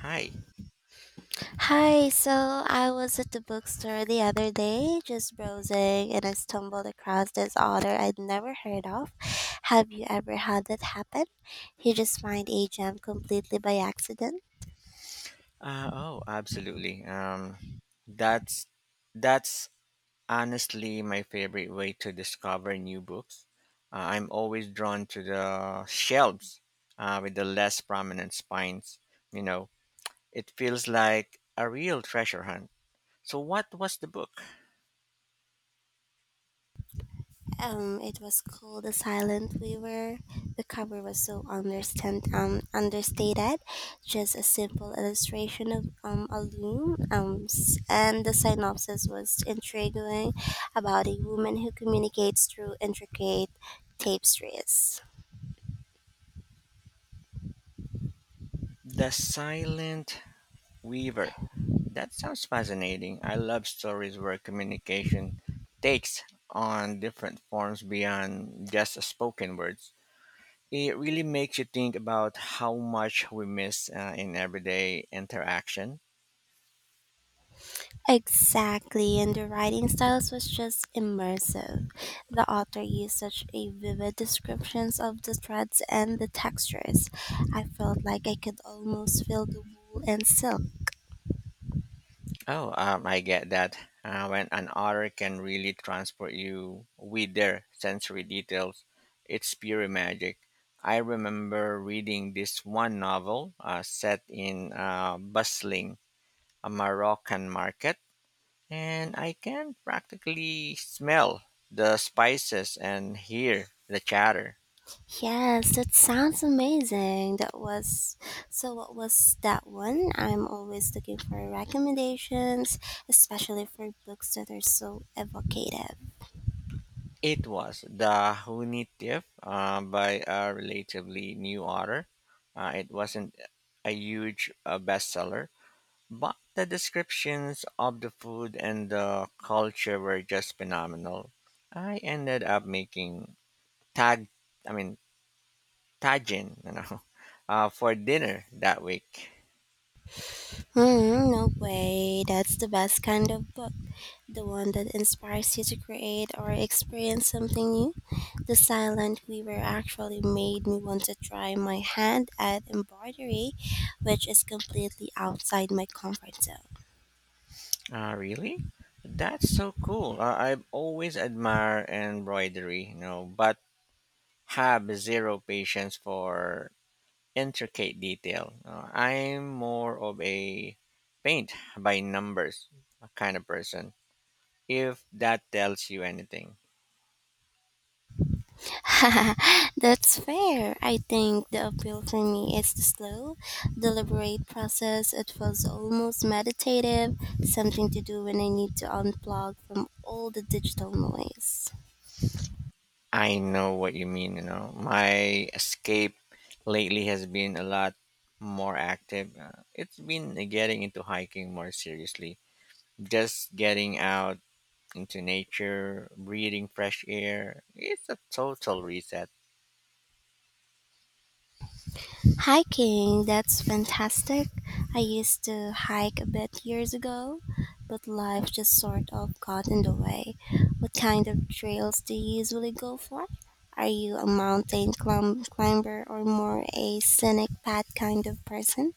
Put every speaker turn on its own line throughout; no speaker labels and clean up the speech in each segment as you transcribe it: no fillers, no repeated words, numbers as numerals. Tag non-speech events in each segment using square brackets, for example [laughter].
Hi.
Hi, so I was at the bookstore the other day just browsing and I stumbled across this author I'd never heard of. Have you ever had that happen? You just find a gem completely by accident?
Oh, absolutely. That's that's honestly my favorite way to discover new books. I'm always drawn to the shelves with the less prominent spines. You know, it feels like a real treasure hunt. So, what was the book?
It was called The Silent Weaver. The cover was so understand understated, just a simple illustration of a loom. And the synopsis was intriguing about a woman who communicates through intricate tapestries.
The Silent Weaver. That sounds fascinating. I love stories where communication takes on different forms beyond just spoken words. It really makes you think about how much we miss in everyday interaction.
Exactly, and the writing styles was just immersive. The author used such a vivid descriptions of the threads and the textures. I felt like I could almost feel the wool and silk.
Oh, I get that. When an author can really transport you with their sensory details, it's pure magic. I remember reading this one novel set in a bustling a Moroccan market, and I can practically smell the spices and hear the chatter.
Yes, that sounds amazing. That was so What was that one? I'm always looking for recommendations, especially for books that are so evocative.
It was the Hunitief by a relatively new author. It wasn't a huge bestseller, but the descriptions of the food and the culture were just phenomenal. I ended up making tag, I mean tagine, you know, [laughs] for dinner that week.
Hmm, no way. That's the best kind of book. The one that inspires you to create or experience something new. The Silent Weaver actually made me want to try my hand at embroidery, which is completely outside my comfort zone.
Really? That's so cool. I've always admired embroidery, you know, but have zero patience for intricate detail. I'm more of a paint by numbers kind of person. If that tells you anything,
[laughs] That's fair. I think the appeal for me is the slow, deliberate process. It feels almost meditative, something to do when I need to unplug from all the digital noise.
I know what you mean. You know, my escape lately has been a lot more active. It's been getting into hiking more seriously, just getting out into nature, breathing fresh air. It's a total reset.
Hiking, that's fantastic. I used to hike a bit years ago, but life just sort of got in the way. What kind of trails do you usually go for? Are you a climber or more a scenic path kind of person?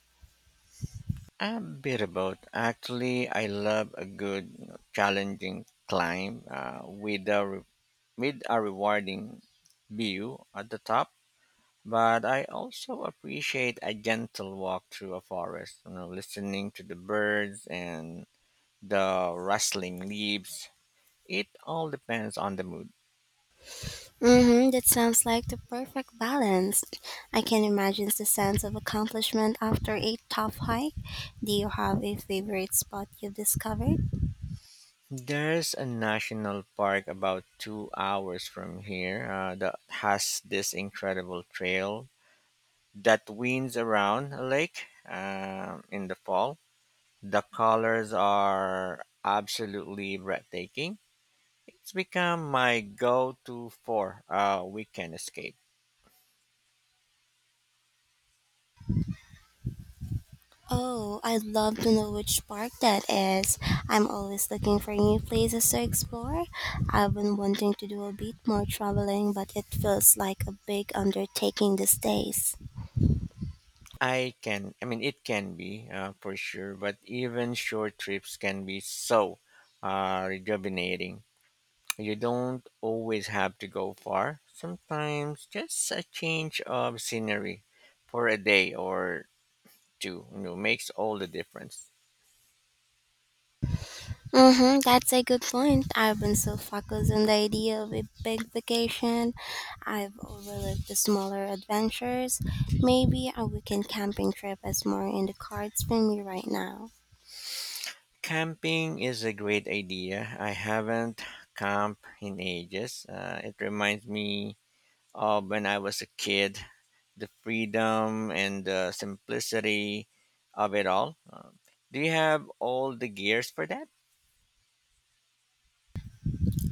A bit of both. Actually, I love a good, you know, challenging climb with a rewarding view at the top. But I also appreciate a gentle walk through a forest, you know, listening to the birds and the rustling leaves. It all depends on the mood.
Mm-hmm, that sounds like the perfect balance. I can imagine the sense of accomplishment after a tough hike. Do you have a favorite spot you've discovered?
There's a national park about 2 hours from here that has this incredible trail that winds around a lake in the fall. The colors are absolutely breathtaking. It's become my go-to for a weekend escape.
Oh, I'd love to know which park that is. I'm always looking for new places to explore. I've been wanting to do a bit more traveling, but it feels like a big undertaking these days.
I can, I mean, it can be for sure, but even short trips can be so rejuvenating. You don't always have to go far. Sometimes just a change of scenery for a day or two, you know, makes all the difference.
Mm-hmm, that's a good point. I've been so focused on the idea of a big vacation. I've overlooked the smaller adventures. Maybe a weekend camping trip is more in the cards for me right now.
Camping is a great idea. I haven't camped in ages. It reminds me of when I was a kid, the freedom and the simplicity of it all. Do you have all the gears for that?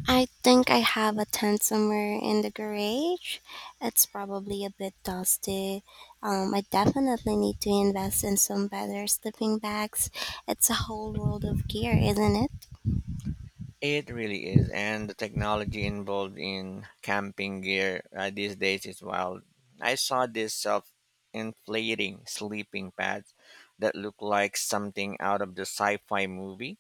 I think I have a tent somewhere in the garage. It's probably a bit dusty. I definitely need to invest in some better sleeping bags. It's a whole world of gear, isn't it?
It really is, and the technology involved in camping gear these days is wild. I saw this self-inflating sleeping pads that look like something out of the sci-fi movie.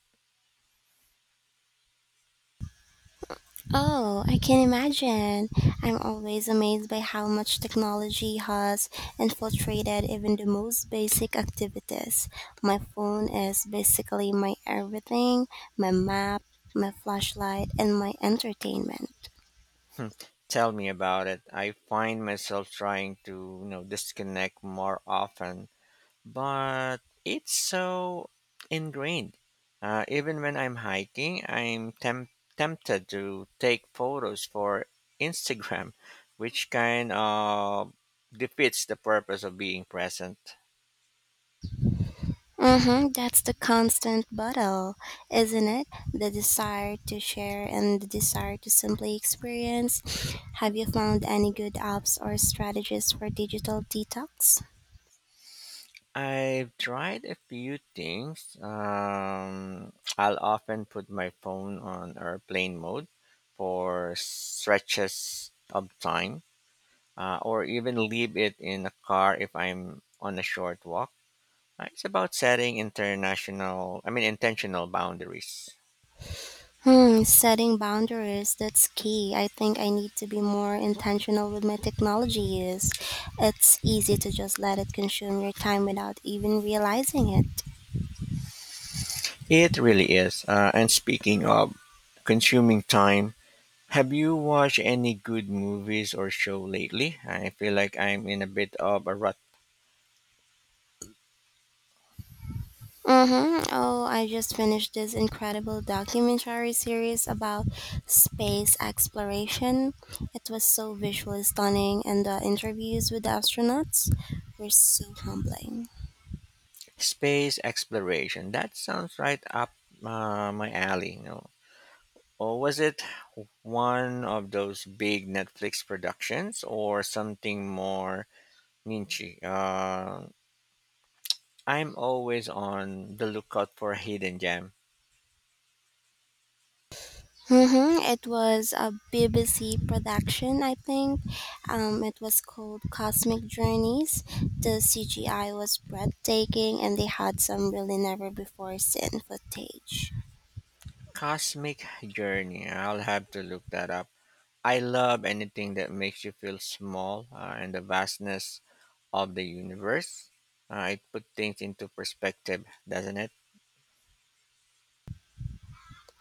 Oh, I can imagine. I'm always amazed by how much technology has infiltrated even the most basic activities. My phone is basically my everything, my map, my flashlight, and my entertainment.
Hmm, Tell me about it. I find myself trying to, you know, disconnect more often, but it's so ingrained. Even when I'm hiking, tempted to take photos for Instagram, which kind of defeats the purpose of being present.
Mm-hmm. That's the constant battle, isn't it? The desire to share and the desire to simply experience. Have you found any good apps or strategies for digital detox?
I've tried a few things. I'll often put my phone on airplane mode for stretches of time, or even leave it in the car if I'm on a short walk. It's about setting international, I mean, intentional boundaries.
Hmm, setting boundaries, that's key. I think I need to be more intentional with my technology use. It's easy to just let it consume your time without even realizing it.
It really is. And speaking of consuming time, have you watched any good movies or show lately? I feel like I'm in a bit of a rut.
Mm-hmm. Oh, I just finished this incredible documentary series about space exploration. It was so visually stunning, and the interviews with the astronauts were so humbling.
Space exploration. That sounds right up my alley. You know. Or was it one of those big Netflix productions or something more niche? I'm always on the lookout for a hidden gem.
Mm-hmm. It was a BBC production, I think. It was called Cosmic Journeys. The CGI was breathtaking, and they had some really never before seen footage.
Cosmic Journey. I'll have to look that up. I love anything that makes you feel small and the vastness of the universe. It puts things into perspective, doesn't it?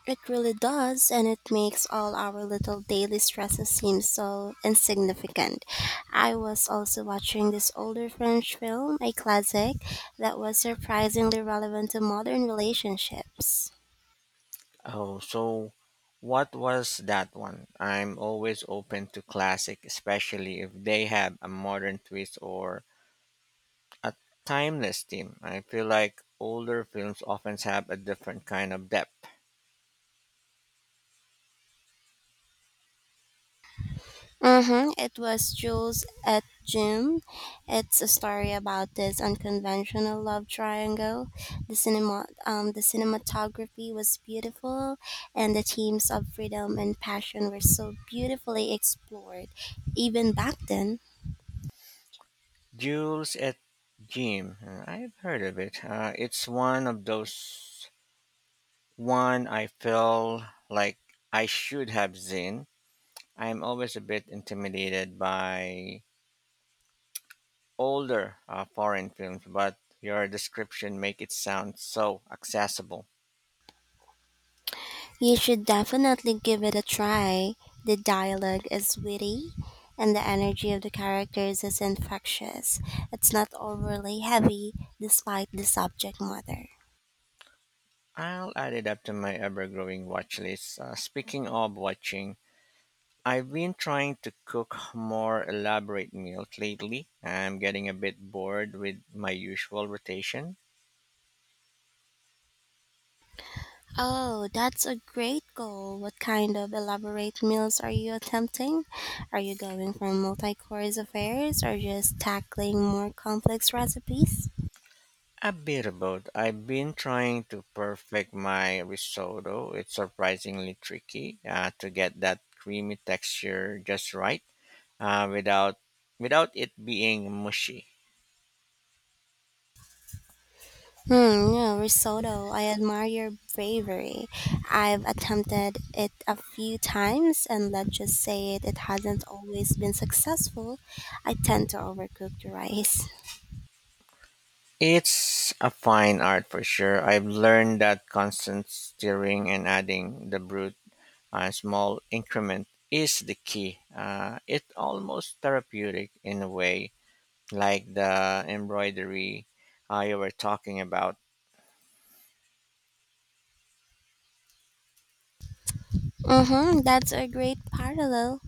It really does, and it makes all our little daily stresses seem so insignificant. I was also watching this older French film, a classic, that was surprisingly relevant to modern relationships.
Oh, so what was that one? I'm always open to classic, especially if they have a modern twist or a timeless theme. I feel like older films often have a different kind of depth.
Mm-hmm. It was Jules at Jim. It's a story about this unconventional love triangle. The cinematography was beautiful, and the themes of freedom and passion were so beautifully explored, even back then.
Jules et Jim, I've heard of it. It's one of those one I feel like I should have seen. I'm always a bit intimidated by older foreign films, but your description make it sound so accessible.
You should definitely give it a try. The dialogue is witty, and the energy of the characters is infectious. It's not overly heavy, despite the subject matter.
I'll add it up to my ever-growing watch list. Speaking of watching, I've been trying to cook more elaborate meals lately. I'm getting a bit bored with my usual rotation.
Oh, that's a great goal. What kind of elaborate meals are you attempting? Are you going for multi course affairs or just tackling more complex recipes?
A bit of both. I've been trying to perfect my risotto. It's surprisingly tricky to get that creamy texture just right uh, without without it being mushy.
Hmm, yeah, risotto. I admire your bravery. I've attempted it a few times, and let's just say it hasn't always been successful. I tend to overcook the rice.
It's a fine art for sure. I've learned that constant stirring and adding the brute a small increment is the key. It's almost therapeutic in a way, like the embroidery you were talking about.
Mm-hmm, that's a great parallel.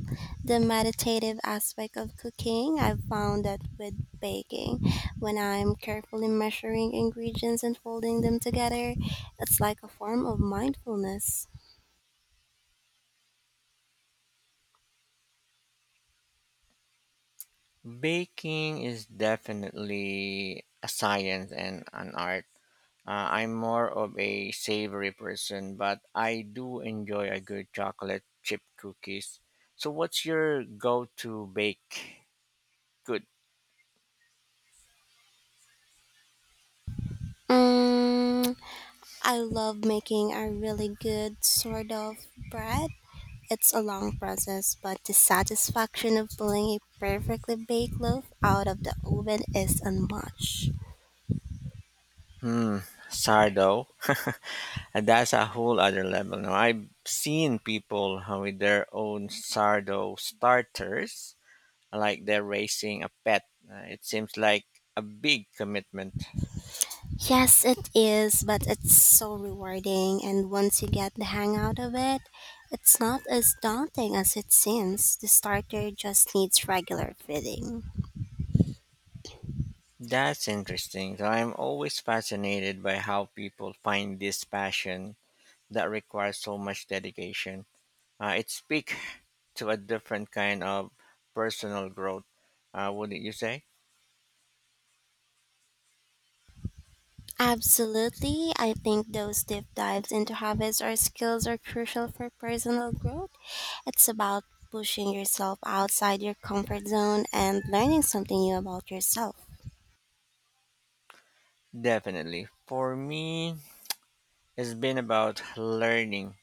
The meditative aspect of cooking, I've found that with baking, when I'm carefully measuring ingredients and folding them together, it's like a form of mindfulness.
Baking is definitely a science and an art. I'm more of a savory person, but I do enjoy a good chocolate chip cookies. So, what's your go-to bake? Good.
Mm, I love making a really good sort of bread. It's a long process, but the satisfaction of pulling a perfectly baked loaf out of the oven is unmatched.
Hmm, sourdough. [laughs] And that's a whole other level. Now, I've seen people with their own sourdough starters, like they're raising a pet. It seems like a big commitment.
Yes, it is, but it's so rewarding, and once you get the hang out of it, it's not as daunting as it seems. The starter just needs regular feeding.
That's interesting. So I'm always fascinated by how people find this passion that requires so much dedication. It speaks [laughs] to a different kind of personal growth, wouldn't you say?
Absolutely, I think those deep dives into habits or skills are crucial for personal growth. It's about pushing yourself outside your comfort zone and learning something new about yourself.
Definitely. For me, it's been about learning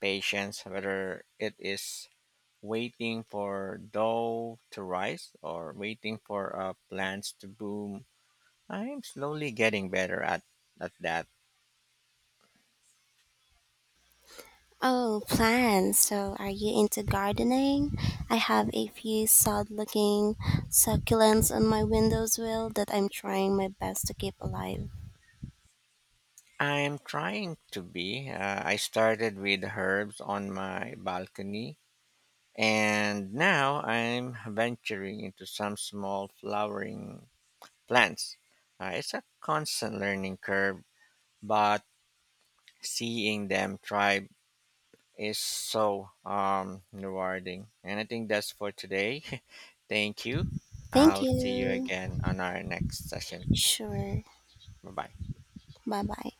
patience, whether it is waiting for dough to rise or waiting for plants to bloom. I'm slowly getting better at that.
Oh, plants. So, are you into gardening? I have a few sad looking succulents on my windows wheel that I'm trying my best to keep alive.
I'm trying to be. I started with herbs on my balcony, and now I'm venturing into some small flowering plants. It's a constant learning curve, but seeing them thrive is so rewarding. And I think that's for today. [laughs] Thank you.
Thank
I'll see you
you.
again on our next session.
Sure.
Bye bye.
Bye bye.